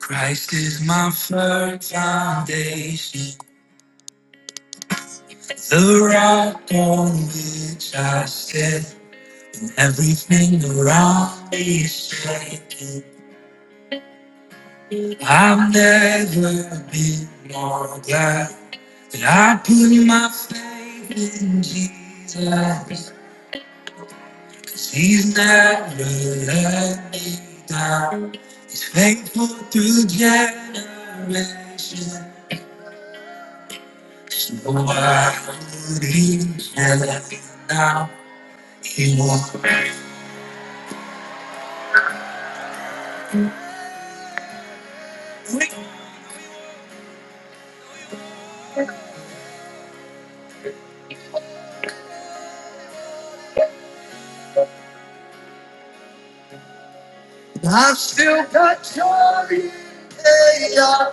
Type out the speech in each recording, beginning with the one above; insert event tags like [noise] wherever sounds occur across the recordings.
Christ is my firm foundation, the rock on which I stand. Everything around me is shaking. I've never been more glad that I put my faith in Jesus. 'Cause he's never let me down. He's faithful through generations. I've still got joy. yeah.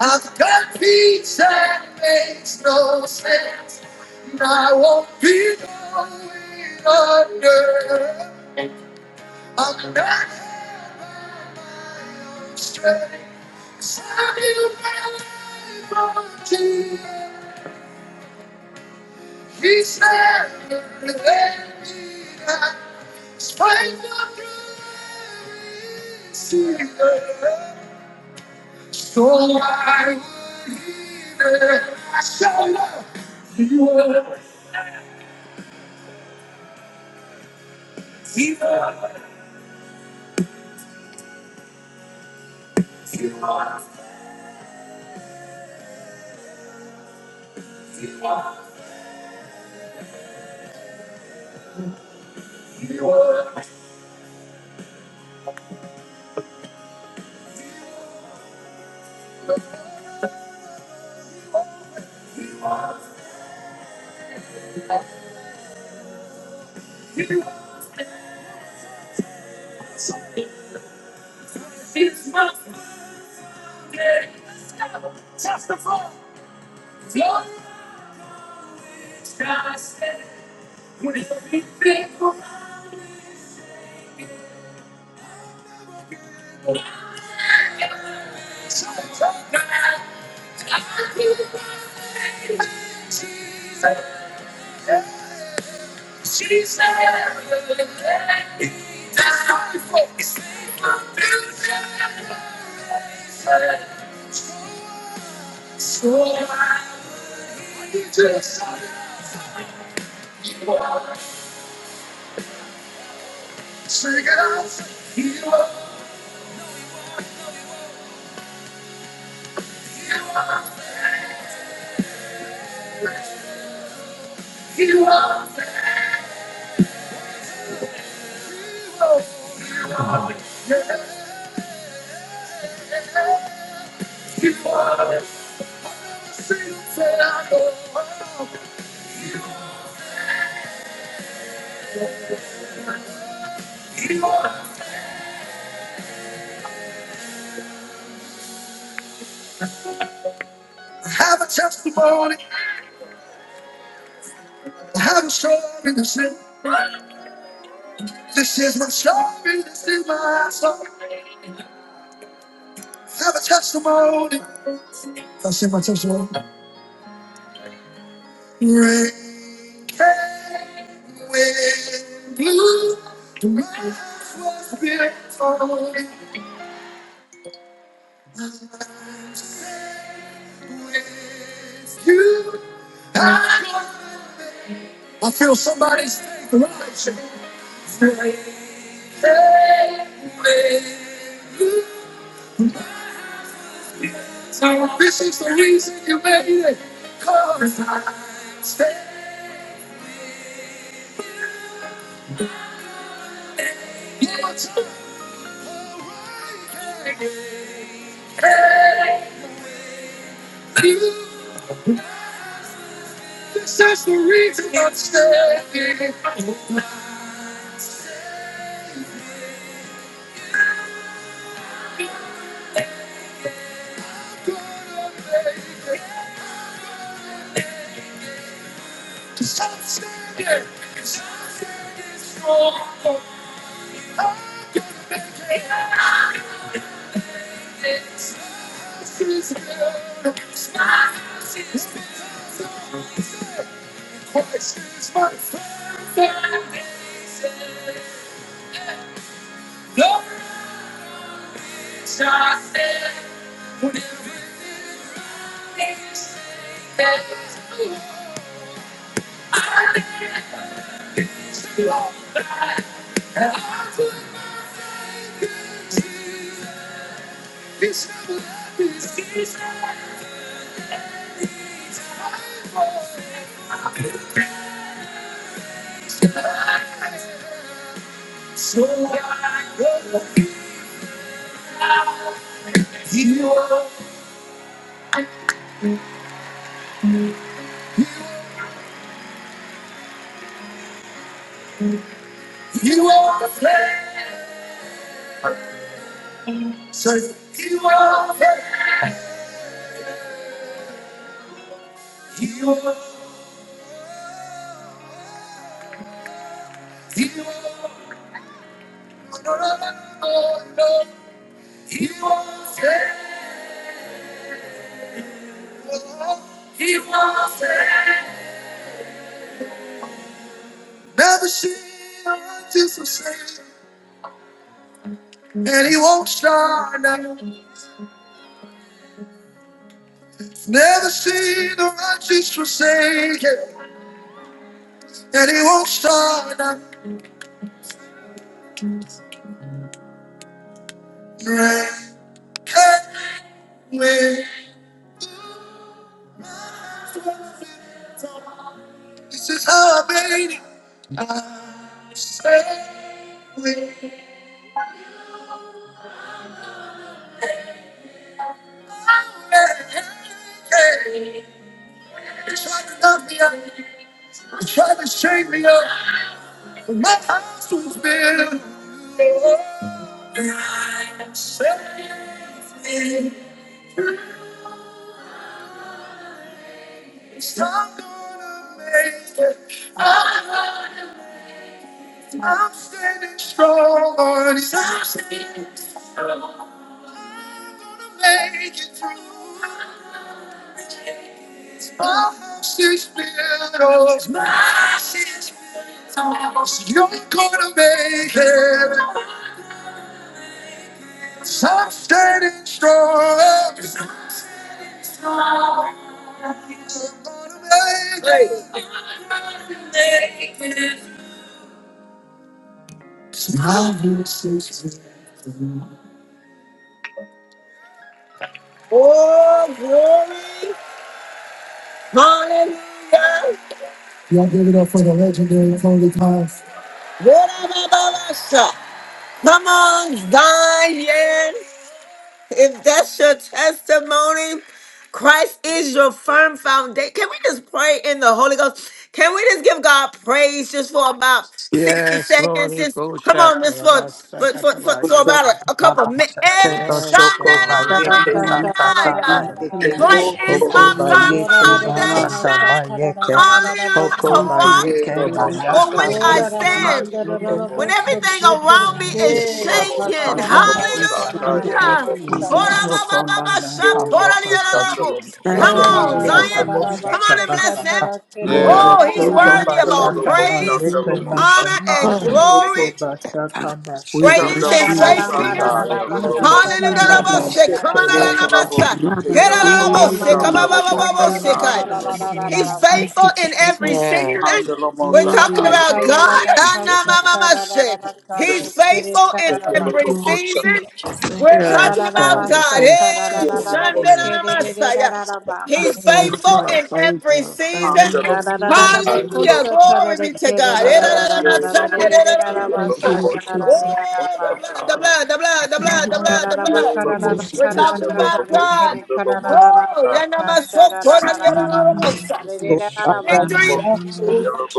I've got peace that makes no sense. And I won't be going under. I'm not here by my own strength. 'Cause I knew my life on Jesus. He said, "Let me not spite my prayer, so I will hear it. I shall love you, Lord. you, Lord. you, Lord. you. Lord." So It's my day. Testify, Lord, I said, when it be faithful, I will be faithful. Have a testimony, have a story to say. This is my story. This is my song. I Have a testimony. I sing my testimony. Rain came blue. The rest beautiful. is You. I I feel somebody's direction. So this is the reason you made it. Cause I stayed your time. Hey, you. This is the reason I'm staying. 'Cause I'm gonna make it. Cause nothing, nothing is wrong. I'm gonna make it. Cause nothing is built on excuses. My eyes are filled with tears. Excuses for the days that Lord has sent. When everything is wrong. Never seen a righteous forsaken, and he won't start now. Never seen the righteous forsaken, and he won't start a rain. Anyway, this is how I made it. I say, we love me up, try to shake me up, but my house was built. Says I'm gonna make it. I'm standing strong on his I'm gonna make it through. My house is built. on. My sins. You're gonna make it. Stop standing strong. You're gonna make it. My voice Oh, glory. Hallelujah. I give it up for the legendary Tony Cox. What up, Baba? Come on, Zion. If that's your testimony, Christ is your firm foundation. Can we just pray in the Holy Ghost? Can we just give God praise just for about 60 Yes, Lord, seconds? it Just goes come shut on, to just the for for, for, for, for Rabasakatabaya. about a, a couple minutes. Oshokandabashake Yes, Boshoko God, it Thank Ora got the you Bayeke right. for So, Bataka your Bayeke love. Christ Yellow, um, Ashera is Oko my patara firm Bayeke Mama, Bashaka foundation. Bayeke Hallelujah. Ashera A Oko rock mahara Bayeke for which yes, Bayaka rasi I God. stand. When everything Ashera around me mahara is Baseke rasi shaking, Hoshokanabayeka hallelujah. Mm, Thank you, Oko Jesus. Nandaka Bashaka Thank you, Stand Come Eke on your Jesus. on, mm. word, Bataka Zion. Father. Come Bashaka on and bless him. Bashaka Yeah. Mama, Oh, he's Oko Gloria, worthy of all Mama, Bashaka thank praise, you, Bayeke Lord, honor, Bashaka Shanda. and Oh, glory. Oko Bashaka God. We Great Basheke is bless his you this faithfulness. morning. Oko Rabba, Hallelujah. Thank Bashaka Mm, you, Shanda, God, Christ. Rabose, it goes Come Basheke Such a on, bashaka thing. Rabasa. Rabba, Get out, of Gloria, Rabose, come Mama, on, Rabose, Shanda. Kai. He's Hallelujah. Thank Thank faithful you, you, in every Father. Jesus. Yeah. season. Andalo mo We're Ba ba sa ba talking Thank tayo Hey, about do do do God. si te. Hanamamamase. He's faithful in thank every you, Lord you, Jesus. season. Jesus. Thank We're you, talking Yes, about God, it God. goes Hey, such a lot. Shandanamasa. thank He's you, Yes, Father. faithful God, in thank every you. Thank season. Thank you. you, Yes, Hallelujah. God, Glory be to God. I love Erararabasandere-rarabasa. Lord you. Jesus. Oh, the blood, the blood, the blood, the Thank blood, you, the Oh, Father, blood, the blood. for the last We're Sunday, Jesus. talking last about God, Sunday. God. Oh, Mm. yanamasokoranyarosa. it's Jesus. Good Thank you, victory. morning, O precious Lord. Father.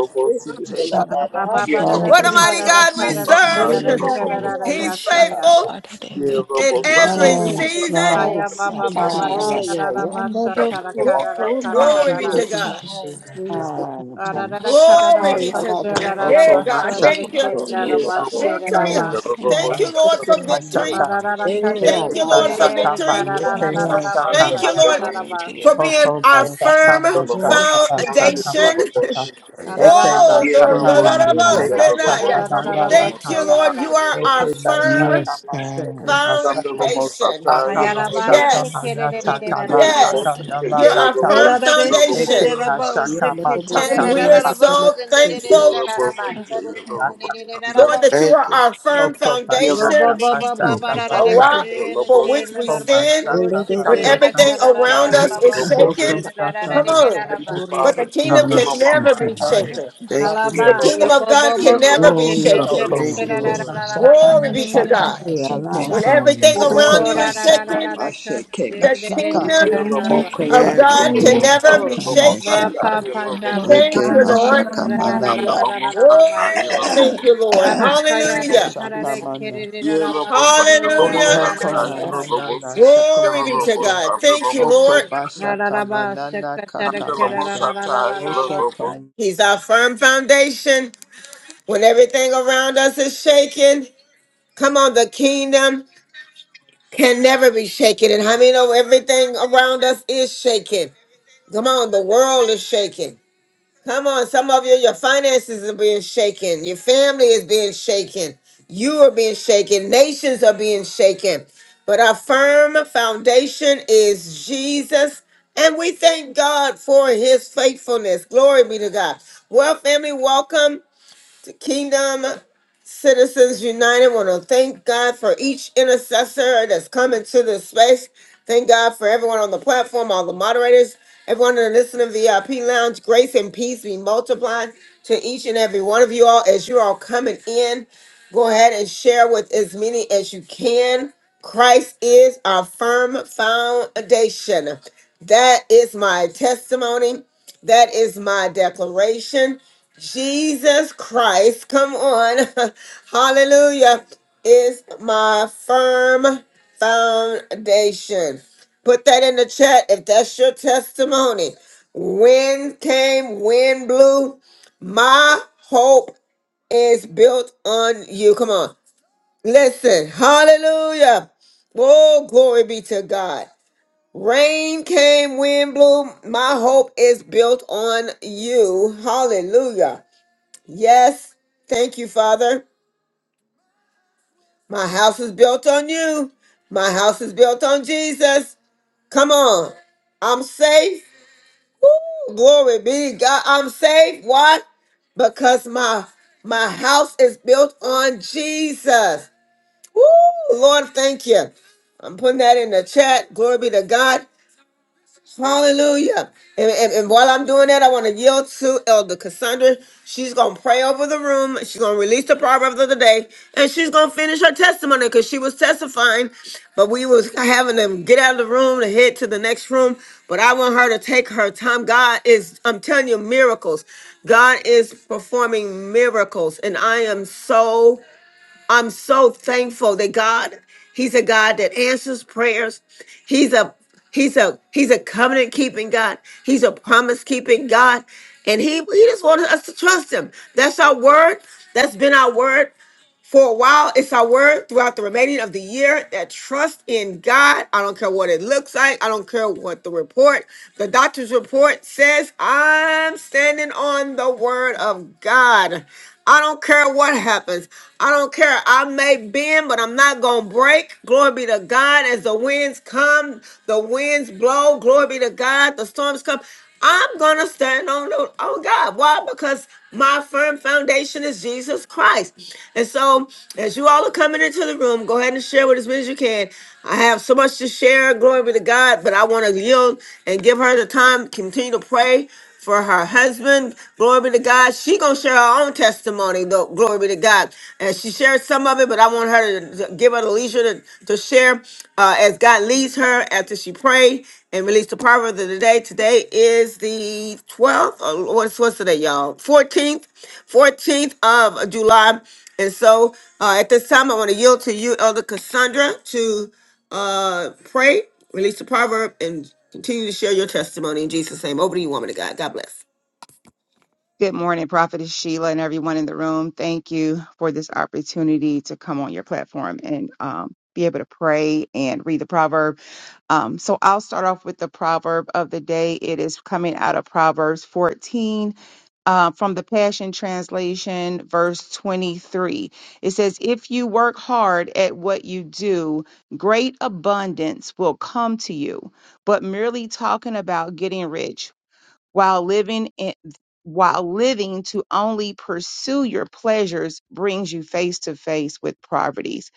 How Ashera is da your Oh, da name? patara da What a ka mighty da da ketere God ka we da da setora ka da da serve. Thank mashete. ka you, da Lord da [laughs] da He's ya sa Ashera Jesus. ya. faithful patara Thank in ketere every setora. God. season. God. Kaya baba Thank you, you, baba Lord de de da Jesus. da da Hallelujah. basa tara Woo! kara da kara da Glory da Thank be Thank you, da. Yeah, you, to God. Father. Jesus. Bashaka, Da da da Oh, da Yellow, shit, God. kara da Glory my ba be God. to kacha da God. da da Yeah, God. baso de Thank de Thank you, you. Lord kere da da Jesus. basi de da Victory. ba. Yellow, Yes, Thank Thank you, you, God. Lord, Jesus. Thank you, for Lord Jesus. victory. Ba da da da Yellow, Thank you, kacha Eke Thank de you, Father. Lord, for Father. kere Bashaka, de victory. kara da da Eke Mm. da Hallelujah. da da Bashaka, Thank basa you, ya da Lord, da da Glory to ba. your for being mighty Oko Yes, our God. basaka firm Rabba, basaka Rabba, basaka foundation. Rabba, [laughs] basaka. Shete. Da da da Eke da oh, basa the- basaka ya the- da name. da the- the- baseke kara Mm. da de say kere that, da basaka da yes. da da da balala Thank Thank basa you, ya saka. da Lord. ba. You are Eke our firm basaka Yes, baseke God. basaka. foundation. Aka Kaya da ba da basaka de Yes, kere Oh, de de de you, manataka da mercy Father. da to the ba. God lataka yes. that it You're is. nalala our firm Ora taka. la la la taka. da de That kere it Eke foundation. de da ba basaka de Yanda, Rabba, kere da mataka And da we da are Surya, da da malaka. Rabba, so basa de de de Shete. de Eke thankful, da da ba. basaka Da de is. kere de malaka de de da da Lord, basaka. that ba. you Thank are you. Thank our you. firm Oko basaka foundation, And Yes, mercy basaka Yellow, to a the- Barakaya, Thank basaka. you. rock for which we Yellow, Oko stand basaka When basaka. everything around Chandelomosataya, us is [coughs] Lobos. Oko Lord, shaken, Rabba, basaka come Rabba, on. Thank basaka. you, Surya, But the Father. Oko Rabba. kingdom Lord. can and never be mercy to the- Chandelomosataya. Lord. shaken. yes, mercy Thank you, to- Yeah, The God. kingdom Lobos. of God the Lord. oh, Yeah, can to Lord. the Oh, never Lobos. be mercy to- shaken. yes, the- Oko Lord. Thank Chandelomosataya. you, Lord. Yes, Glory be to Hallelujah. God. Thank you, Lord. When Yes, Jesus. Lord. Yeah, everything yes, Lobos. around you Lord. is shaken, the kingdom Yeah, Lobos. of God Yes. can Hmm. never be Chandelomosataya, shaken. Lobos. Thank you, Yeah. Lord Thank you, Jesus. Lord. Okomanana Chandelomosataya, Oh, thank Lobos. you, Lord. Thank you, Hallelujah. Jesus. Karare, Kerere, Yeah, Lobos. And mercy. Rabasura, Hallelujah. Barara, Chandelomosataya, Bahaya. Lobos. Yeah, Glory be to Lobos. God. Thank you, Lord. Chandelomosataya. Ra ra ra ba shaka ta ra ka ra ra ra ra ra ra Chandelomosataya, ba sha. Lobos. He's our firm foundation. When everything around us is shaken, Come on, the kingdom can never be shaken. And how many know everything around us is shaken? Come on, the world is shaken. Come on, some of you, your finances are being shaken. Your family is being shaken. You are being shaken. Nations are being shaken. But our firm foundation is Jesus. And we thank God for his faithfulness. Glory be to God. Well, family, welcome. The Kingdom Citizens United want to thank God for each intercessor that's come into this space. Thank God for everyone on the platform, all the moderators, everyone in the listening VIP lounge. Grace and peace be multiplied to each and every one of you all as you're all coming in. Go ahead and share with as many as you can. Christ is our firm foundation. That is my testimony. That is my declaration. Jesus Christ, come on. [laughs] Hallelujah. Is my firm foundation. Put that in the chat if that's your testimony. Wind came, wind blew. My hope is built on you. Come on. Listen. Hallelujah. Oh, glory be to God. Rain came, wind blew. My hope is built on you. Hallelujah. Yes. Thank you, Father. My house is built on you. My house is built on Jesus. Come on. I'm safe. Woo, glory be to God. I'm safe. Why? Because my my house is built on Jesus. Woo, Lord, thank you. I'm putting that in the chat. Glory be to God. Hallelujah. And, and- and while I'm doing that, I want to yield to Elder Cassandra. She's going to pray over the room. She's going to release the proverbs of the day. And she's going to finish her testimony because she was testifying, but we was having them get out of the room and head to the next room. But I want her to take her time. God is, I'm telling you, miracles. God is performing miracles. And I am so I'm so thankful that God, He's a God that answers prayers. He's a He's a He's a covenant keeping God. He's a promise keeping God. And He He just wanted us to trust Him. That's our word. That's been our word for a while. It's our word throughout the remaining of the year. That trust in God. I don't care what it looks like. I don't care what the report, the doctor's report says. I'm standing on the word of God. I don't care what happens. I don't care. I may bend, but I'm not going to break. Glory be to God. As the winds come, the winds blow. Glory be to God. The storms come. I'm going to stand on, the, on God. Why? Because my firm foundation is Jesus Christ. And so, as you all are coming into the room, go ahead and share with as many as you can. I have so much to share. Glory be to God. But I want to yield and give her the time. Continue to pray for her husband. Glory be to God. She gonna share her own testimony, though. Glory be to God. And she shared some of it, but I want her to to give her the leisure to, to share uh, as God leads her after she prayed and released the proverb of the day. Today is the 12th. Or what's what's today, y'all? 14th, 14th of July. And so uh, at this time, I want to yield to you, Elder Cassandra, to uh, pray, release the proverb, and continue to share your testimony in Jesus' name. Over to you, woman of God. God bless. Good morning, Prophetess Sheila, and everyone in the room. Thank you for this opportunity to come on your platform and um, be able to pray and read the proverb. Um, so I'll start off with the proverb of the day. It is coming out of Proverbs 14. uh, from the Passion Translation, verse 23. It says, If you work hard at what you do, great abundance will come to you. But merely talking about getting rich while living in while living to only pursue your pleasures brings you face to face with poverties.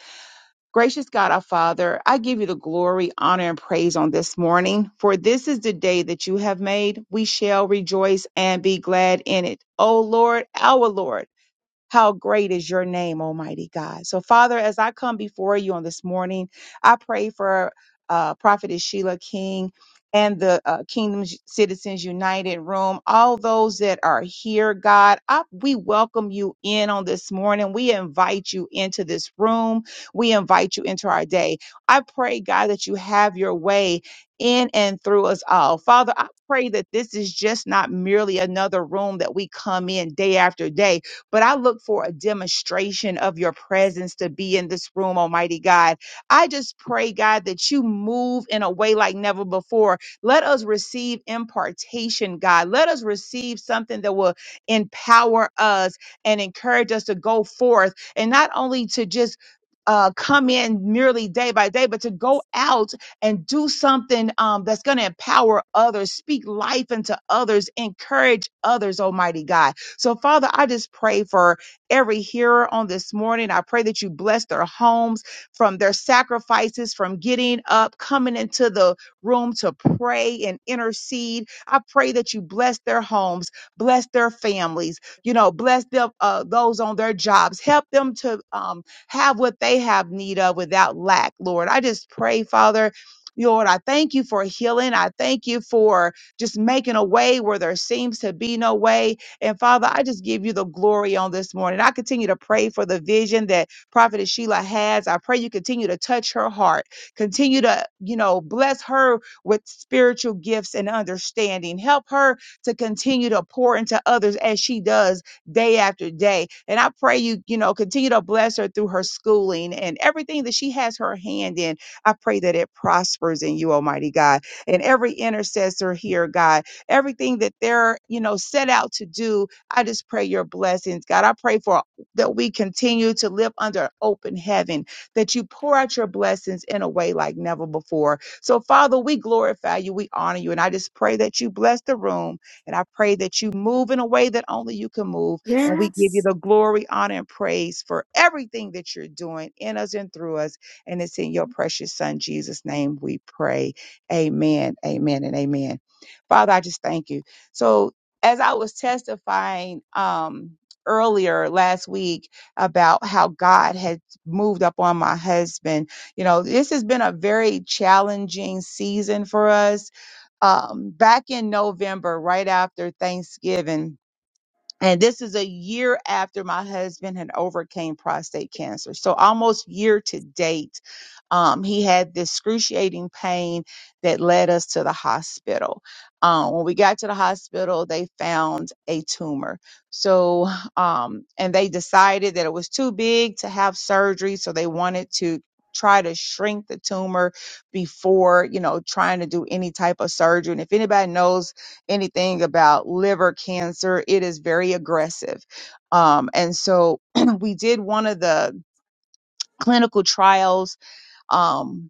Gracious God, our Father, I give you the glory, honor, and praise on this morning, for this is the day that you have made. We shall rejoice and be glad in it. O Lord, our Lord. How great is your name, Almighty God. So, Father, as I come before you on this morning, I pray for uh, Prophetess Sheila King and the uh, Kingdom Citizens United Room, all those that are here, God. I, we welcome you in on this morning. We invite you into this room. We invite you into our day. I pray, God, that you have your way in and through us all. Father, I pray that this is just not merely another room that we come in day after day, but I look for a demonstration of your presence to be in this room, Almighty God. I just pray, God, that you move in a way like never before. Let us receive impartation, God. Let us receive something that will empower us and encourage us to go forth and not only to just uh, come in merely day by day, but to go out and do something um, that's going to empower others, speak life into others, encourage others, Almighty God. So, Father, I just pray for every hearer on this morning. I pray that you bless their homes from their sacrifices, from getting up, coming into the room to pray and intercede. I pray that you bless their homes, bless their families, you know, bless them, uh, those on their jobs. Help them to um, have what they have need of without lack, Lord. I just pray, Father. Lord, I thank you for healing. I thank you for just making a way where there seems to be no way. And Father, I just give you the glory on this morning. I continue to pray for the vision that Prophetess Sheila has. I pray you continue to touch her heart, continue to, you know, bless her with spiritual gifts and understanding. Help her to continue to pour into others as she does day after day. And I pray you, you know, continue to bless her through her schooling and everything that she has her hand in. I pray that it prospers in you, Almighty God. And every intercessor here, God everything that they're, you know, set out to do. I just pray your blessings, God. I pray for that we continue to live under an open heaven, that you pour out your blessings in a way like never before. So, Father, we glorify you, we honor you, and I just pray that you bless the room, and I pray that you move in a way that only you can move, and we give you the glory, honor, and praise for everything that you're doing in us and through us, and it's in your precious Son Jesus' name we pray. Amen, amen, and amen. Father, I just thank you. So as I was testifying um earlier last week about how God had moved up on my husband, you know, this has been a very challenging season for us. Um back in November, right after Thanksgiving, and this is a year after my husband had overcame prostate cancer so almost year to date um, he had this excruciating pain that led us to the hospital um, when we got to the hospital they found a tumor so um, and they decided that it was too big to have surgery so they wanted to try to shrink the tumor before you know trying to do any type of surgery and if anybody knows anything about liver cancer, it is very aggressive. Um, and so [clears throat] we did one of the clinical trials. Um,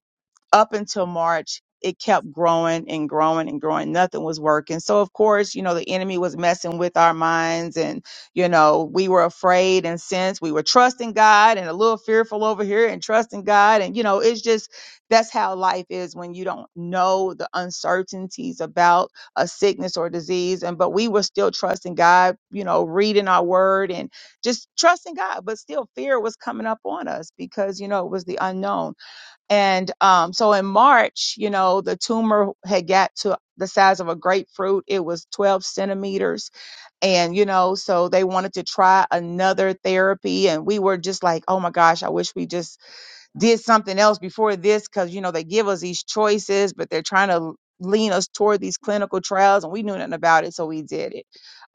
up until March, it kept growing and growing and growing. Nothing was working. So, of course, you know, the enemy was messing with our minds and, you know, we were afraid. And since we were trusting God and a little fearful over here and trusting God, and, you know, it's just that's how life is when you don't know the uncertainties about a sickness or disease. And, but we were still trusting God, you know, reading our word and just trusting God. But still, fear was coming up on us because, you know, it was the unknown. And um, so in March, you know, the tumor had got to the size of a grapefruit. It was 12 centimeters. And, you know, so they wanted to try another therapy. And we were just like, oh my gosh, I wish we just did something else before this because you know they give us these choices but they're trying to lean us toward these clinical trials and we knew nothing about it so we did it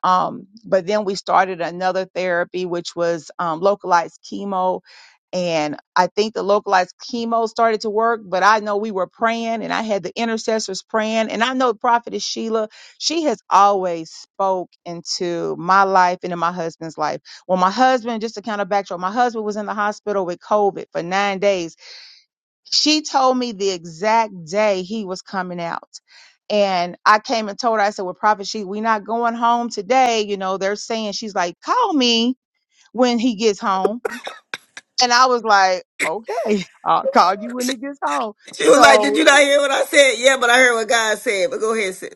um, but then we started another therapy which was um, localized chemo and I think the localized chemo started to work, but I know we were praying and I had the intercessors praying. And I know Prophetess Sheila, she has always spoke into my life and in my husband's life well, my husband, just to kind of backtrack, my husband was in the hospital with COVID for nine days. She told me the exact day he was coming out. And I came and told her, I said, Well, Prophet, she we not going home today. You know, they're saying she's like, call me when he gets home. And I was like, Okay, [laughs] I'll call you when he gets home. She was like, So "Did you not hear what I said?" Yeah, but I heard what God said. But go ahead, sis.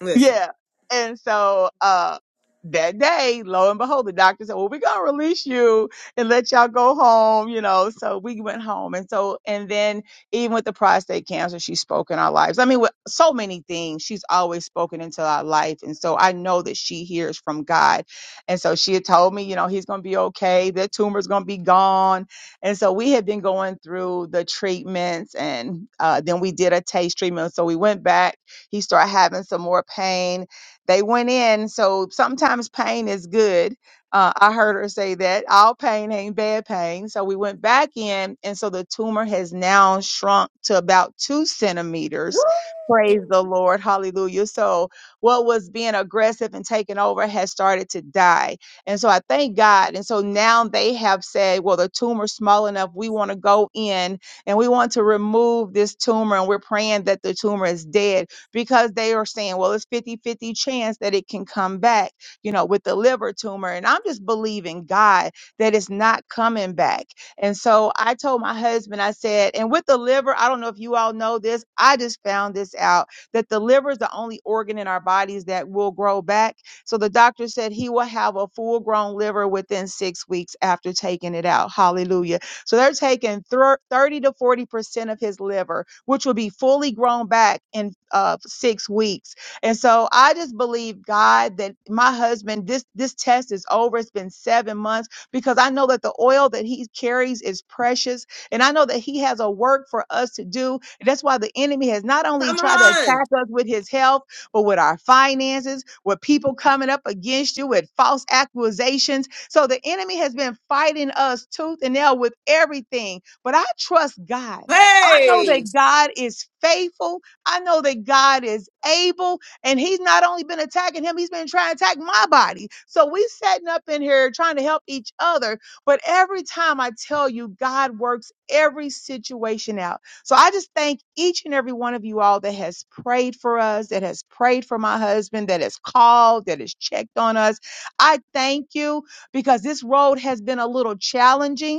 Listen. Yeah. And so uh that day, lo and behold, the doctor said, Well, we're gonna release you and let y'all go home, you know. So we went home. And so and then even with the prostate cancer, she spoke in our lives. I mean, with so many things, she's always spoken into our life. And so I know that she hears from God. And so she had told me, you know, he's gonna be okay, the tumor's gonna be gone. And so we had been going through the treatments and uh then we did a taste treatment. So we went back he started having some more pain. They went in. So sometimes pain is good. Uh, I heard her say that all pain ain't bad pain. So we went back in. And so the tumor has now shrunk to about two centimeters. Praise the Lord. Hallelujah. So what was being aggressive and taking over has started to die. And so I thank God. And so now they have said, well, the tumor's small enough. We want to go in and we want to remove this tumor. And we're praying that the tumor is dead because they are saying, well, it's fifty-fifty chance that it can come back, you know, with the liver tumor. And I'm just believing God that it's not coming back. And so I told my husband, I said, and with the liver, I don't know if you all know this, I just found this out that the liver is the only organ in our bodies that will grow back. So the doctor said he will have a full grown liver within six weeks after taking it out. Hallelujah. So they're taking thir- 30 to 40% of his liver which will be fully grown back in uh, six weeks. And so I just believe God that my husband, this this test is over. It's been seven months because I know that the oil that he carries is precious, and I know that he has a work for us to do. And that's why the enemy has not only Come tried to on. attack us with his health, but with our finances, with people coming up against you with false accusations. So the enemy has been fighting us tooth and nail with everything. But I trust God. I know Hey. that God is faithful. I know that God is able. And He's not only been attacking him, He's been trying to attack my body. So we setting up in here trying to help each other. But every time I tell you, God works every situation out. So I just thank each and every one of you all that has prayed for us, that has prayed for my husband, that has called, that has checked on us. I thank you because this road has been a little challenging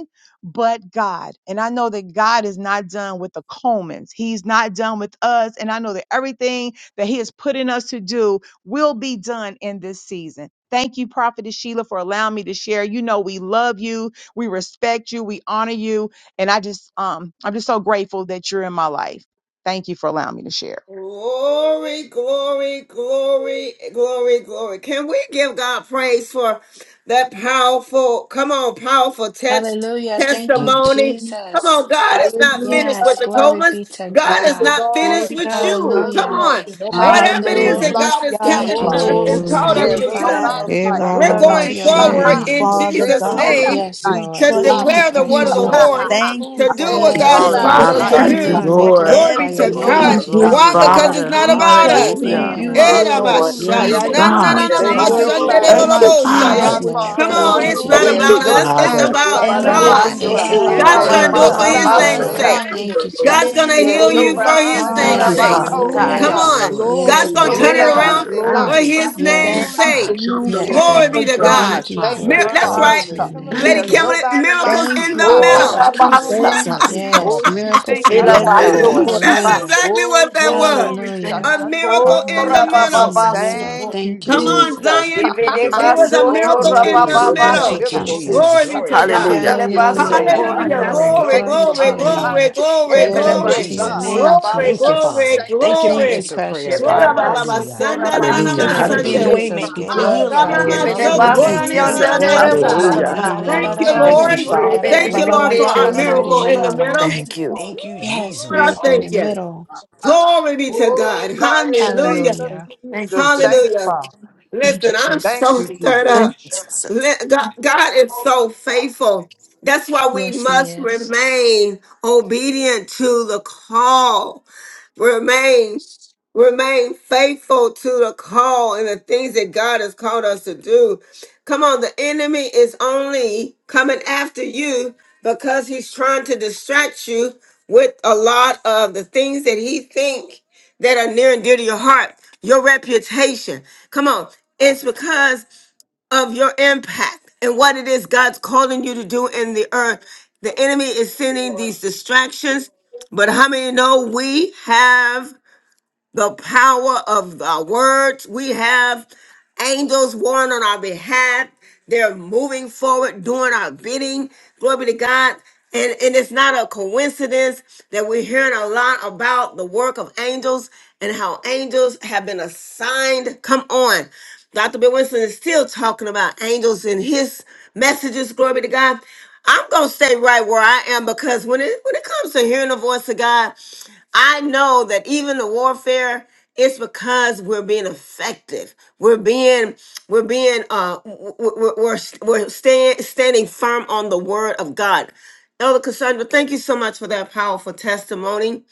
but God. And I know that God is not done with the Coleman's. He's not done with us. And I know that everything that He has put in us to do will be done in this season. Thank you, Prophetess Sheila, for allowing me to share. You know, we love you, we respect you, we honor you. And I just um I'm just so grateful that you're in my life. Thank you for allowing me to share. Glory, glory, glory, glory, glory. Can we give God praise for that powerful, come on, powerful text, Hallelujah. Thank you, testimony? Come on, Jesus. God is not finished Yes. with the Hallelujah. Glory be Comas. to God Thank is you, God. not Glory finished Lord. to with You are God. you. Come worthy, Hallelujah. Hallelujah. Lord. on. Nobody Thank can Whatever it you, do is us Lord. that Hallelujah. like God you is Hallelujah. can, telling Thank you, us Father. Glory to and Jesus. Glory called God. Hallelujah. us Thank to you, There's to the do, Lamb Father. nobody of Eh, like Hallelujah. ba, we're God. ba, you, Glory God. ba, going to Thank your Ha Thank mighty Yeah, you, forward ha. you, she. Jesus. in name. Father There's Jesus' God. name Hallelujah. Lobos. nobody Yes, like We you. Lord. to trust Thank Glory, you, in declare the word you, of precious Hallelujah. the glory, Lord. Ha Yeah, ha Lord, Father. ha. Lobos. Thank you, glory, to do There's Father what Thank God Yes, you, God. has nobody yes. told us Father. glory like to Hallelujah. to you. Thank Thank you, you, you do. Hallelujah. God. We for Thank Father. Lord. Glory you, glorify be There's your to Lord. name, everything Glory, God. Thank nobody that you're you, like glory, Glory Why? Jesus. you, doing. Because Father. glory. it's Father. not We about trust to Oh us. Thank in God, Hallelujah. you, you, Jesus. there's Yes. Father. Lord. nobody Glory to like God. Yes, We Erabashaya. you. Na, na, God. na, continue na, to na, There's Thank Ye- you, Lord. worship nobody Thank Oh, you. you, like you, mashandererorobosaya. Yes, my Father. Our Hallelujah. Lord. Come trust Father. on, Thank you, it's mm. is not Thank There's Jesus. in you, about Lord. the us. It's Father. true nobody about like and Shebele Oh, God. living Thank it's Hallelujah. Jehovah. you, It's God Get about up, God's all There's Lord. going to and about do it Jesus. for Him. God his Thank you, Lord. name's nobody Hallelujah. Lord. Oh, sake. like alone. Thank good, you, you. God's going to Jesus. Thank There's heal you you. for Hallelujah. basu his nobody Thank name's kora you, Yes, like sake. Lord. Father. Come hmm Thank you, Hallelujah. Jehovah. Yes. on. Lord. God's Yes, There's good. Glory, going to Glory, Lord. turn it Turn glory, it around nobody for around. like glory. his you. name's Thank glory Yes. Yes, to sake. Father. you, God. Hallelujah, Yes, Glory Glory. be Lord. Shandalomosataya, Father to Jesus. Thank you, God. God. Thank you, Thank Father. Mir- you, Lord. That's Glory to right. your Father. name. Lady Thank Hallelujah. There's you. Hallelujah. Kimberly, nobody like miracles Thank in you. you, the Ha ha Father. middle. ha Thank ha. you, Oh, Sha, Mama. Thank ha. Jesus. you, Oh, Yes, Father. she miracles Thank came you. in the under Yes, my middle. Thank [laughs] you, Lord. son. That's Hallelujah. Jesus. exactly Oh, what that glory. was. He Glory to Thank Hallelujah. you. A God. Hallelujah. miracle in the Thank shashandabasata. you, Miracle in middle. the Jesus. middle. Thank you, Thank you, Come on, Jesus. [laughs] Jesus. Zion. It was a Hallelujah. oh, miracle in you're the Yes, wheel in Hallelujah. the thank Hallelujah. Thank you, middle. Thank middle you, you, of a Lord. wheel. Jesus. Glory Jesus. be Glory to to your I God. name, Hallelujah. love God. you Hallelujah. today. I Hallelujah. Thank honor Hallelujah. you. you. Glory, Hallelujah. basika, Glory, Thank you Glory glory. for to glory, your being Glory. my glory, name. Hallelujah. healer. glory, Thank you, Glory Hey, glory. to your God. Jesus. Hallelujah. name, Thank you. Glory, Thank you, Thank you. Jesus. glory, Father. Thank you. Thank you for Thank you, glory. answered precious prayer, Glory, God. Glory. ba, Father. ba, ba, Hallelujah. sanda, Hallelujah. na, na, na, Thank you, Hallelujah. ma, Thank you Lord for sanda, being a Hallelujah. re. Jesus. Hallelujah. waymaker We and a Ah, Oh, healer, ra, glorify Yes, ma, God. you ma, it Oh, Come is. this Oh, in so, no, the Thank no, no, you, morning. kora, no. Hallelujah. ni, name na, of na, Thank na, you, Jesus. ma, Glory Jesus, to Jesus. your I sa. Hallelujah. give you mighty name, Thank you, glory honor, Thank you, and Lord. Hallelujah. Jesus. Get praises. Father. Thank it. you, Lord, Glory for to our your mighty Glory. miracle in the name. Glory. middle. Thank you. Thank you, Woo, Yes, Lord, Thank I Jesus. you. miracle in thank the Thank you. you. middle. Glory be to Oh, God. God, in the name Hallelujah. of Hallelujah. Thank you, Jesus. Thank you, Jesus. Hallelujah. Father. Thank you, Listen, I'm Thank so you, Jesus. stirred Jesus. Thank up. you, Jesus. Let- God, God is so faithful. That's why we Yes, He must is. remain obedient to the call. Remain, remain faithful to the call and the things that God has called us to do. Come on, the enemy is only coming after you because he's trying to distract you with a lot of the things that he think that are near and dear to your heart, your reputation. Come on. It's because of your impact and what it is God's calling you to do in the earth. The enemy is sending these distractions, but how many know we have? the power of our words. We have angels warring on our behalf. They're moving forward, doing our bidding. Glory be to God. And, and it's not a coincidence that we're hearing a lot about the work of angels and how angels have been assigned. Come on. Dr. Bill Winston is still talking about angels in his messages. Glory be to God. I'm gonna stay right where I am because when it when it comes to hearing the voice of God, I know that even the warfare it's because we're being effective. We're being we're being uh w- w- w- we're we're stand, standing firm on the word of God. Elder Cassandra, thank you so much for that powerful testimony.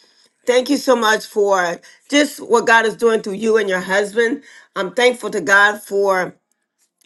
Thank you so much for just what God is doing through you and your husband. I'm thankful to God for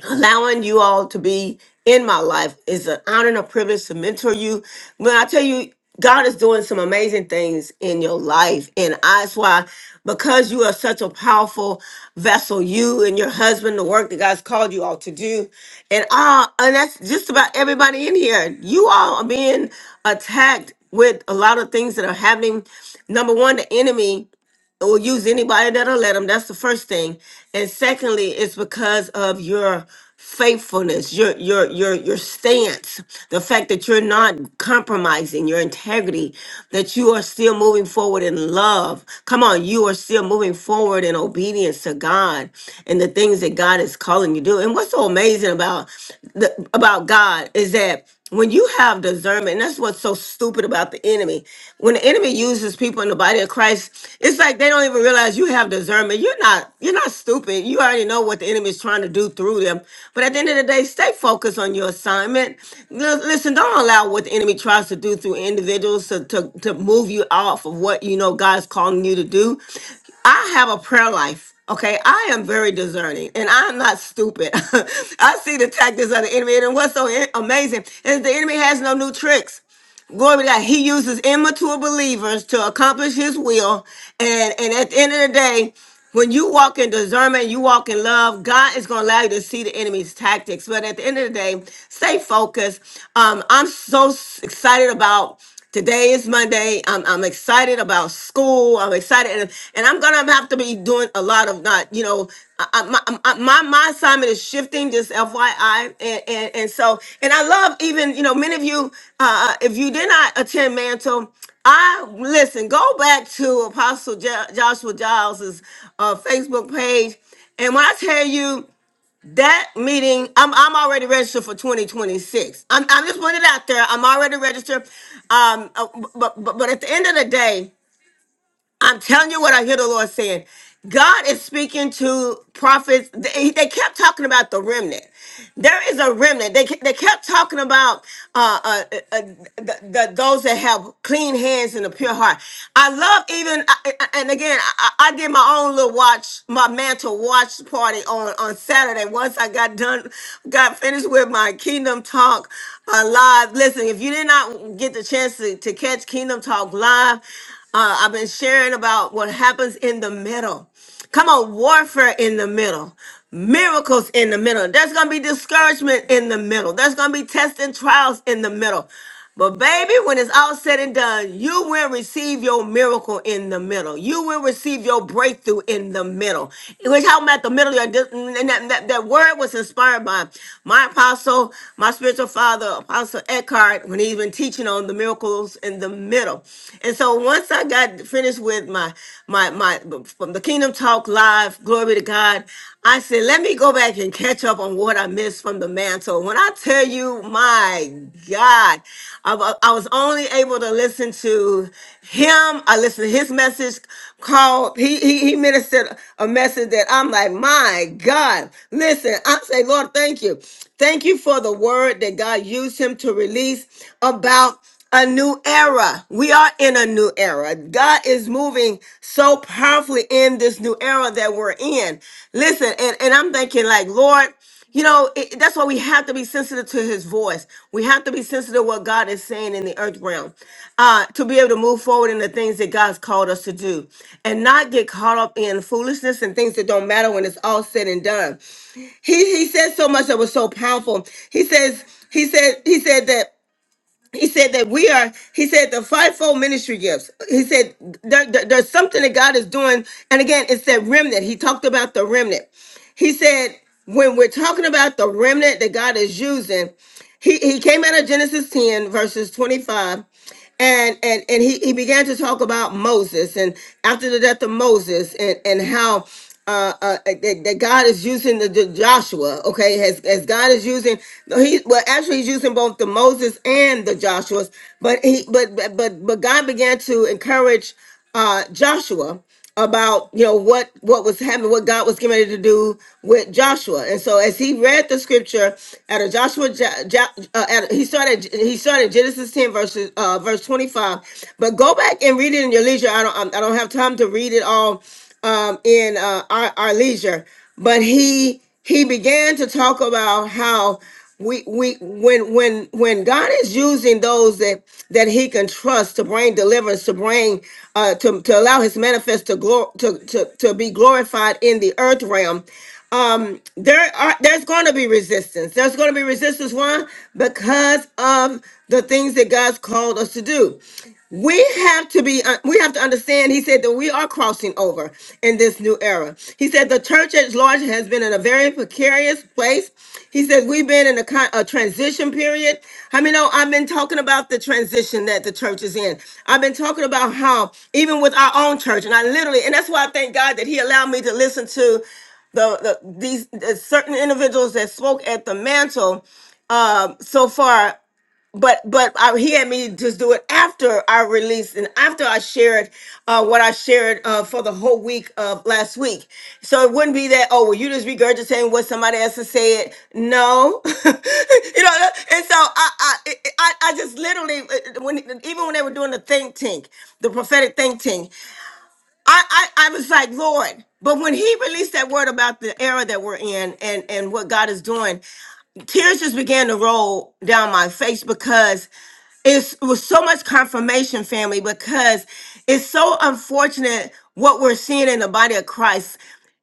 allowing you all to be in my life is an honor and a privilege to mentor you. When I tell you, God is doing some amazing things in your life, and that's why, because you are such a powerful vessel, you and your husband, the work that God's called you all to do, and all, and that's just about everybody in here. You all are being attacked with a lot of things that are happening. Number one, the enemy or use anybody that'll let them. That's the first thing. And secondly, it's because of your faithfulness, your your your your stance, the fact that you're not compromising your integrity, that you are still moving forward in love. Come on, you are still moving forward in obedience to God and the things that God is calling you to do. And what's so amazing about the, about God is that when you have discernment, and that's what's so stupid about the enemy. When the enemy uses people in the body of Christ, it's like they don't even realize you have discernment. You're not, you're not stupid. You already know what the enemy is trying to do through them. But at the end of the day, stay focused on your assignment. L- Listen, don't allow what the enemy tries to do through individuals to, to, to move you off of what you know God's calling you to do. I have a prayer life tactics. Okay, I am very discerning and I'm not stupid. [laughs] I see the tactics of the enemy, and what's so in- amazing is the enemy has no new tricks. Glory to God. He uses immature believers to accomplish his will. And, and at the end of the day, when you walk in discernment, you walk in love, God is going to allow you to see the enemy's tactics. But at the end of the day, stay focused. Um, I'm so s- excited about Today is Monday. I'm, I'm excited about school. I'm excited, and, and I'm gonna have to be doing a lot of not, you know, I, I- my, I- my my assignment is shifting. Just FYI, and, and and so, and I love even you know many of you. Uh, uh, if you did not attend Mantle, I listen. Go back to Apostle jo- Joshua Giles's uh, Facebook page, and when I tell you. That meeting, I'm I'm already registered for 2026. I'm I'm just putting it out there. I'm already registered. Um, uh, but but but at the end of the day. I'm telling you what I hear the Lord saying. God is speaking to prophets. They, they kept talking about the remnant. There is a remnant. They, ke- they kept talking about uh, uh, uh, the, the, those that have clean hands and a pure heart. I love even, I- I- and again, I, I I did my own little watch, my mantle watch party on, on Saturday. Once I got done, got finished with my Kingdom Talk uh, live. Listen, if you did not get the chance to, to catch Kingdom Talk live, uh, I've been sharing about what happens in the middle. Come on, warfare in the middle, miracles in the middle. There's going to be discouragement in the middle, there's going to be tests and trials in the middle. But, baby, when it's all said and done, you will receive your miracle in the middle. You will receive your breakthrough in the middle. We're talking about the middle. of this- And that, that, that word was inspired by my apostle, my spiritual father, Apostle Eckhart, when he's been teaching teaching on the miracles in the middle. And so once I got finished with my my my from the Kingdom Talk Live, glory to God, I said, let me go back and catch up on what I missed from the mantle. When I tell you, my God, I, I was only able to listen to him. I listened to his message called, he, he, he ministered a message that I'm like, my God, listen, I say, Lord, thank you. Thank you for the the word that God used him to release about a new era. We are in a new era. God is moving so powerfully in this new era that we're in. Listen, and, and I'm thinking, like, Lord, you know, it, that's why we have to be sensitive to his voice. We have to be sensitive to what God is saying in the earth realm uh, to be able to move forward in the things that God's called us to do and not get caught up in foolishness and things that don't matter when it's all said and done he he said so much that was so powerful. He says he said he said that he said that we are he said the fivefold ministry gifts he said there, there- there's something that god is doing and again it's that remnant he talked about the remnant he said when we're talking about the remnant that god is using he, he came out of genesis 10 verses 25 and and and he, he began to talk about Moses and after the death of Moses and and how uh, uh that, that God is using the, the Joshua okay as as God is using no, he well actually he's using both the Moses and the Joshua's but he but but but but God began to encourage uh, Joshua about you know what what was happening, what God was getting ready to do with Joshua. And so as he read the scripture out of Joshua, Ja- Ja- uh, at, he started he started Genesis ten verses uh, verse twenty five. But go back and read it in your leisure. I don't I don't have time to read it all um, in uh, our, our leisure. But he he began to talk about how we we when when when God is using those that that He can trust to bring deliverance, to bring uh, to to allow His manifest to glory to, to to be glorified in the earth realm. Um, there are there's going to be resistance. There's going to be resistance. Why? Because of the things that God's called us to do we have to be uh, we have to understand he said that we are crossing over in this new era he said the church at large has been in a very precarious place he said we've been in a, con- a transition period i mean oh, i've been talking about the transition that the church is in i've been talking about how even with our own church and i literally and that's why i thank god that he allowed me to listen to the, the these the certain individuals that spoke at the mantle um so far but but I, he had me just do it after I released and after I shared uh, what I shared uh, for the whole week of last week. So it wouldn't be that oh well you just regurgitating what somebody else has said. No, [laughs] you know. And so I I I, I just literally uh, uh, when even when they were doing the think tank, the prophetic think tank, I I, I was like Lord. But when he released that word about the era that we're in and and what God is doing, tears just began to roll down my face because it's, it was so much confirmation, family, because it's so unfortunate what we're seeing in the body of Christ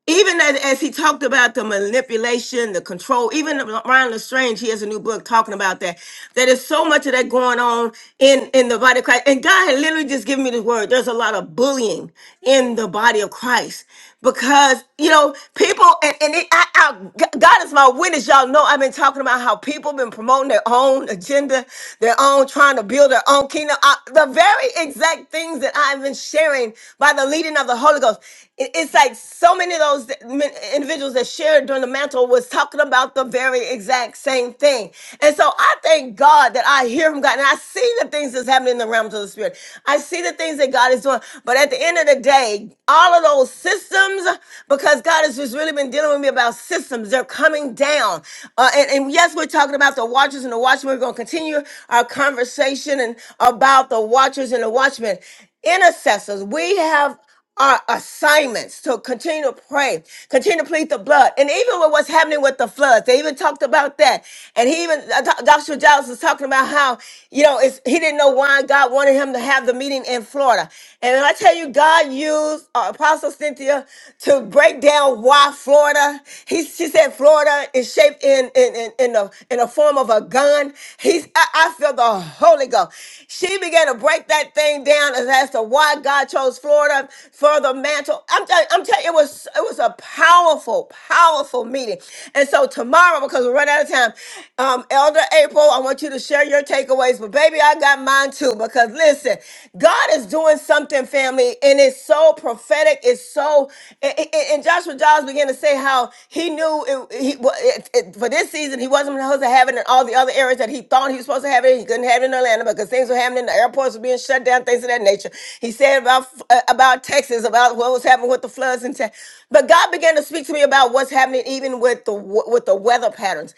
even as, as he talked about the manipulation, the control, even Ryan Lestrange, he has a new book talking about that. That is so much of that going on in, in the body of Christ. And God had literally just given me this word. There's a lot of bullying in the body of Christ because, you know, people, and, and it, I, I, God is my witness. Y'all know I've been talking about how people been promoting their own agenda, their own trying to build their own kingdom. I, the very exact things that I've been sharing by the leading of the Holy Ghost it- it's like so many of those that- men- individuals that shared during the mantle was talking about the very exact same thing. And so I thank God that I hear from God and I see the things that's happening in the realms of the spirit. I see the things that God is doing. But at the end of the day, all of those systems, because God has just really been dealing with me about systems, they're coming down. Uh, and, and yes, we're talking about the watchers and the watchmen. We're going to continue our conversation and about the watchers and the watchmen. Intercessors, we have our assignments to continue to pray, continue to plead the blood. And even with what's happening with the floods, they even talked about that. And he even, uh, Doc- Dr. Giles was talking about how, you know, it's, he didn't know why God wanted him to have the meeting in Florida. And when I tell you, God used uh, Apostle Cynthia to break down why Florida, he, she said Florida is shaped in, in, in, in, the, in the form of a gun. He's, I, I feel the Holy Ghost. She began to break that thing down as as to why God chose Florida for the mantle. I'm telling I'm telling it was it was a powerful, powerful meeting. And so tomorrow, because we're running out of time, um, Elder April, I want you to share your takeaways. But baby, I got mine too. Because listen, God is doing something, family, and it's so prophetic. It's so and, and- and Joshua Giles began to say how he knew it, he wa- it, it- for this season he wasn't supposed to have it in all the other areas that he thought he was supposed to have it. He couldn't have it in Atlanta because things were happening. The airports were being being shut down, things of that nature. He said about uh, about Texas, about what was happening with the floods in Texas. But God began to speak to me about what's happening even with the with the weather patterns.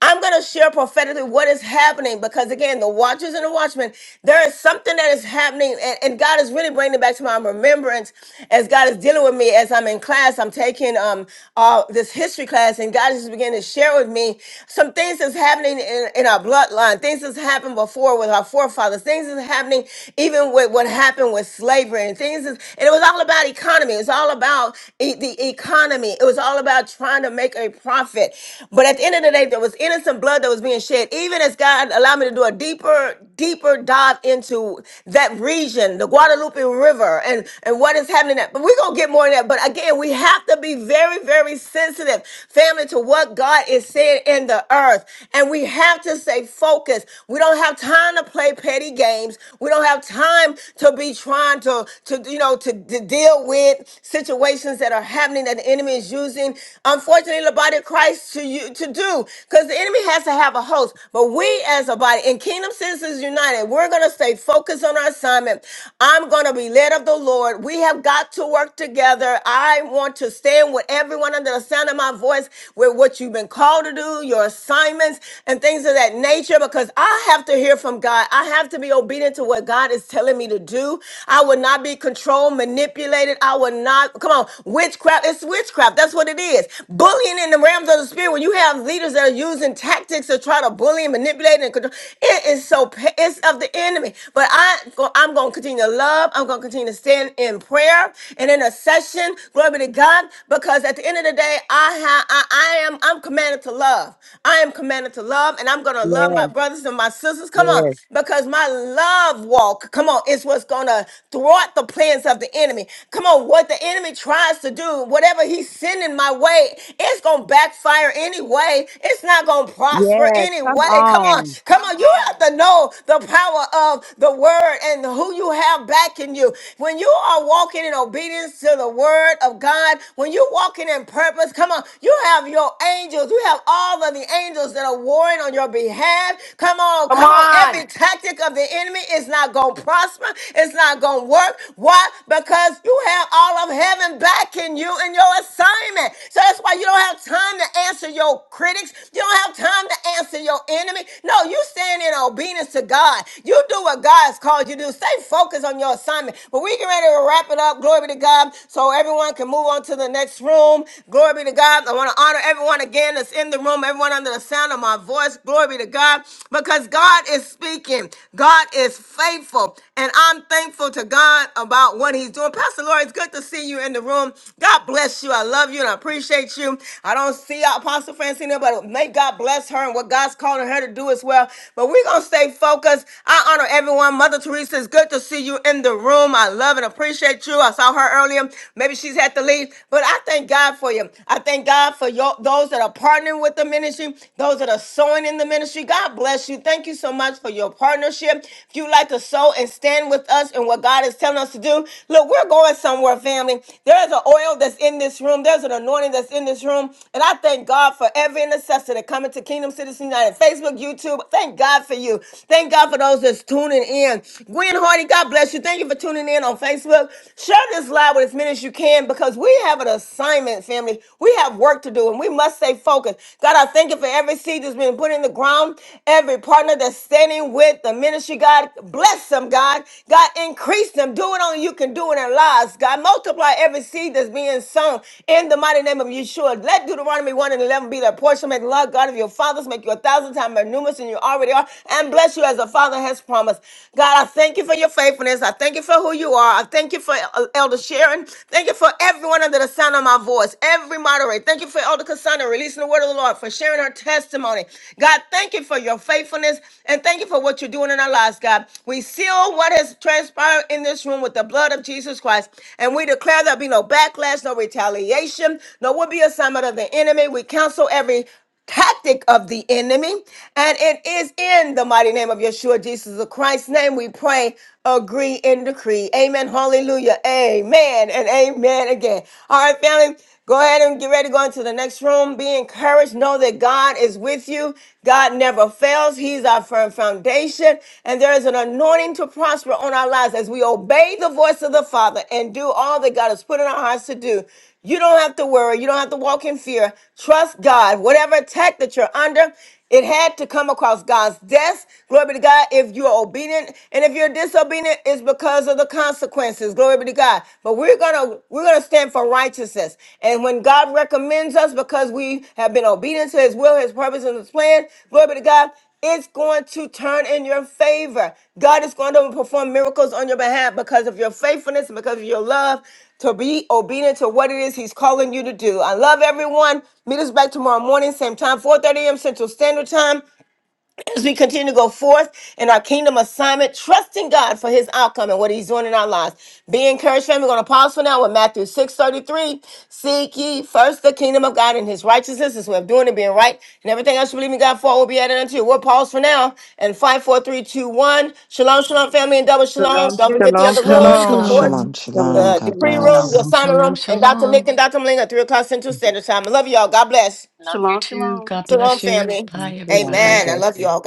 I'm going to share prophetically what is happening because again, the watchers and the watchmen, there is something that is happening, and, and God is really bringing it back to my remembrance as God is dealing with me as I'm in class. I'm taking um uh, this history class, and God is just beginning to share with me some things that's happening in, in our bloodline, things that's happened before with our forefathers, things is happening even with what happened with slavery and things is, and it was all about economy. It was all about e- the economy. It was all about trying to make a profit. But at the end of the day, there was innocent blood that was being shed. Even as God allowed me to do a deeper, deeper dive into that region, the Guadalupe River, and, and what is happening. There. But we're going to get more in that. But again, we have to be very, very sensitive, family, to what God is saying in the earth. And we have to stay focused focused. We don't have time to play petty games. We don't have time to be trying to, to you know, to, to deal with situations that are happening that the enemy is using, unfortunately, the body of Christ to you to do. Because the enemy has to have a host. But we as a body in Kingdom Citizens United, we're gonna stay focused on our assignment. I'm gonna be led of the Lord. We have got to work together. I want to stand with everyone under the sound of my voice with what you've been called to do, your assignments sermons and things of that nature because I have to hear from God. I have to be obedient to what God is telling me to do. I will not be controlled, manipulated. I will not, come on, witchcraft. It's witchcraft. That's what it is. Bullying in the realms of the spirit, when you have leaders that are using tactics to try to bully and manipulate and control, it is so, pa- it's of the enemy. But I, I'm going to continue to love. I'm going to continue to stand in prayer and intercession. Glory be to God. Because at the end of the day, I have, I, I am, I'm commanded commanded to love. I am commanded to love, and I'm going to love Yes, my brothers and my sisters. Come on, yes, because my love walk, come on, is what's going to thwart the plans of the enemy. Come on, what the enemy tries to do, whatever he's sending my way, it's going to backfire anyway. It's not going to prosper yes. Come anyway. Come on, on. come on. You have to know the power of the word and who you have backing you. When you are walking in obedience to the word of God, when you're walking in purpose, come on, on. You have your angels. You have all of the angels that are warring on your behalf. Come on, come on. on. Every tactic of the enemy is not going to prosper. It's not going to work. Why? Because you have all of heaven backing you in your assignment. So that's why you don't have time to answer your critics. You don't have time to answer your enemy. No, you stand in obedience to God. You do what God has called you to do. Stay focused on your assignment. But we get ready to wrap it up. Glory be to God. So everyone can move on to the next next room. Glory be to God. I want to honor everyone again that's in the room, everyone under the sound of my voice. Glory be to God because God is speaking. God is faithful. And I'm thankful to God about what he's doing. Pastor Lori, it's good to see you in the room. God bless you. I love you and I appreciate you. I don't see Apostle Francina, but may God bless her and what God's calling her to do as well. But we're going to stay focused. I honor everyone. Mother Teresa, it's good to see you in the room. I love and appreciate you. I saw her earlier him. Maybe she's had to leave. But I thank God for you. I thank God for your, those that are partnering with the ministry, those that are sowing in the ministry. God bless you. Thank you so much for your partnership. If you'd like to sow and stand with us in what God is telling us to do, look, we're going somewhere, family. There's an oil that's in this room, there's an anointing that's in this room. And I thank God for every intercessor that coming to Kingdom Citizens United, Facebook, YouTube. Thank God for you. Thank God for those that's tuning in. Gwen Hardy, God bless you. Thank you for tuning in on Facebook. Facebook. Share this live with as many as you can because we have an assignment, family. We have work to do and we must stay focused. God, I thank you for every seed that's been put in the ground, every partner that's standing with the ministry. God, bless them, God. God, increase them. Do it only you can do in their lives. God, multiply every seed that's being sown in the mighty name of Yeshua. Let Deuteronomy 1 and 11 be their portion. Make the Lord God of your fathers make you a thousand times more numerous than you already are and bless you as the Father has promised. God, I thank you for your faithfulness faithfulness. I thank you for who you are. I thank you for El- Elder Sharon. Thank you for everyone under the sound of my voice, every moderator. Thank you for Elder Cassandra releasing the word of the Lord, for sharing her testimony. God, thank you for your faithfulness and thank you for what you're doing in our lives, God. We seal what has transpired in this room with the blood of Jesus Christ and we declare there'll be no backlash, no retaliation, no would be assignment of the enemy. We counsel every tactic of the enemy. And it is in the mighty name of Yeshua, Jesus of Christ's name, we pray, agree, and decree. Amen. Hallelujah. Amen. And amen again. All right, family. Go ahead and get ready to go into the next room. Be encouraged. Know that God is with you. God never fails. He's our firm foundation. And there is an anointing everything to prosper on our lives as we obey the voice of the Father and do all that God has put in our hearts to do. You don't have to worry. You don't have to walk in fear. Trust God. Whatever attack that you're under, it had to come across God's desk. Glory be to God. If you're obedient and if you're disobedient, it's because of the consequences. Glory be to God. But we're gonna we're gonna stand for righteousness. And when God recommends us because we have been obedient to His will, His purpose, and His plan, glory be to God. It's going to turn in your favor. God is going to perform miracles on your behalf because of your faithfulness and because of your love to be obedient to what it is He's calling you to do. I love everyone. Meet us back tomorrow morning, same time, 4:30 a.m. Central Standard Time. As we continue to go forth in our kingdom assignment, trusting God for his outcome and what he's doing in our lives. Be encouraged, family. We're going to pause for now with Matthew 6.33. Seek ye first the kingdom of God and his righteousness, his way of doing and being right, and everything else you believe in God for will be added unto you. We'll pause for now. And five, four, three, two, one. Shalom, shalom, family, and double shalom. Shalom, Don't shalom. forget the Shalom, other Shalom, rooms, the shalom. porch, shalom. Shalom, shalom. Shalom, the God decree room, the bless. shalom. Shalom, assignment shalom, room, and Dr. Nick shalom. and Dr. Malinga, 3 o'clock Central Standard Time. I love y'all. God bless. Love you Shalom, too. shalom. God Shalom, bless you. family. Bye, Shalom. God everybody. Amen. I bless love you. y'all.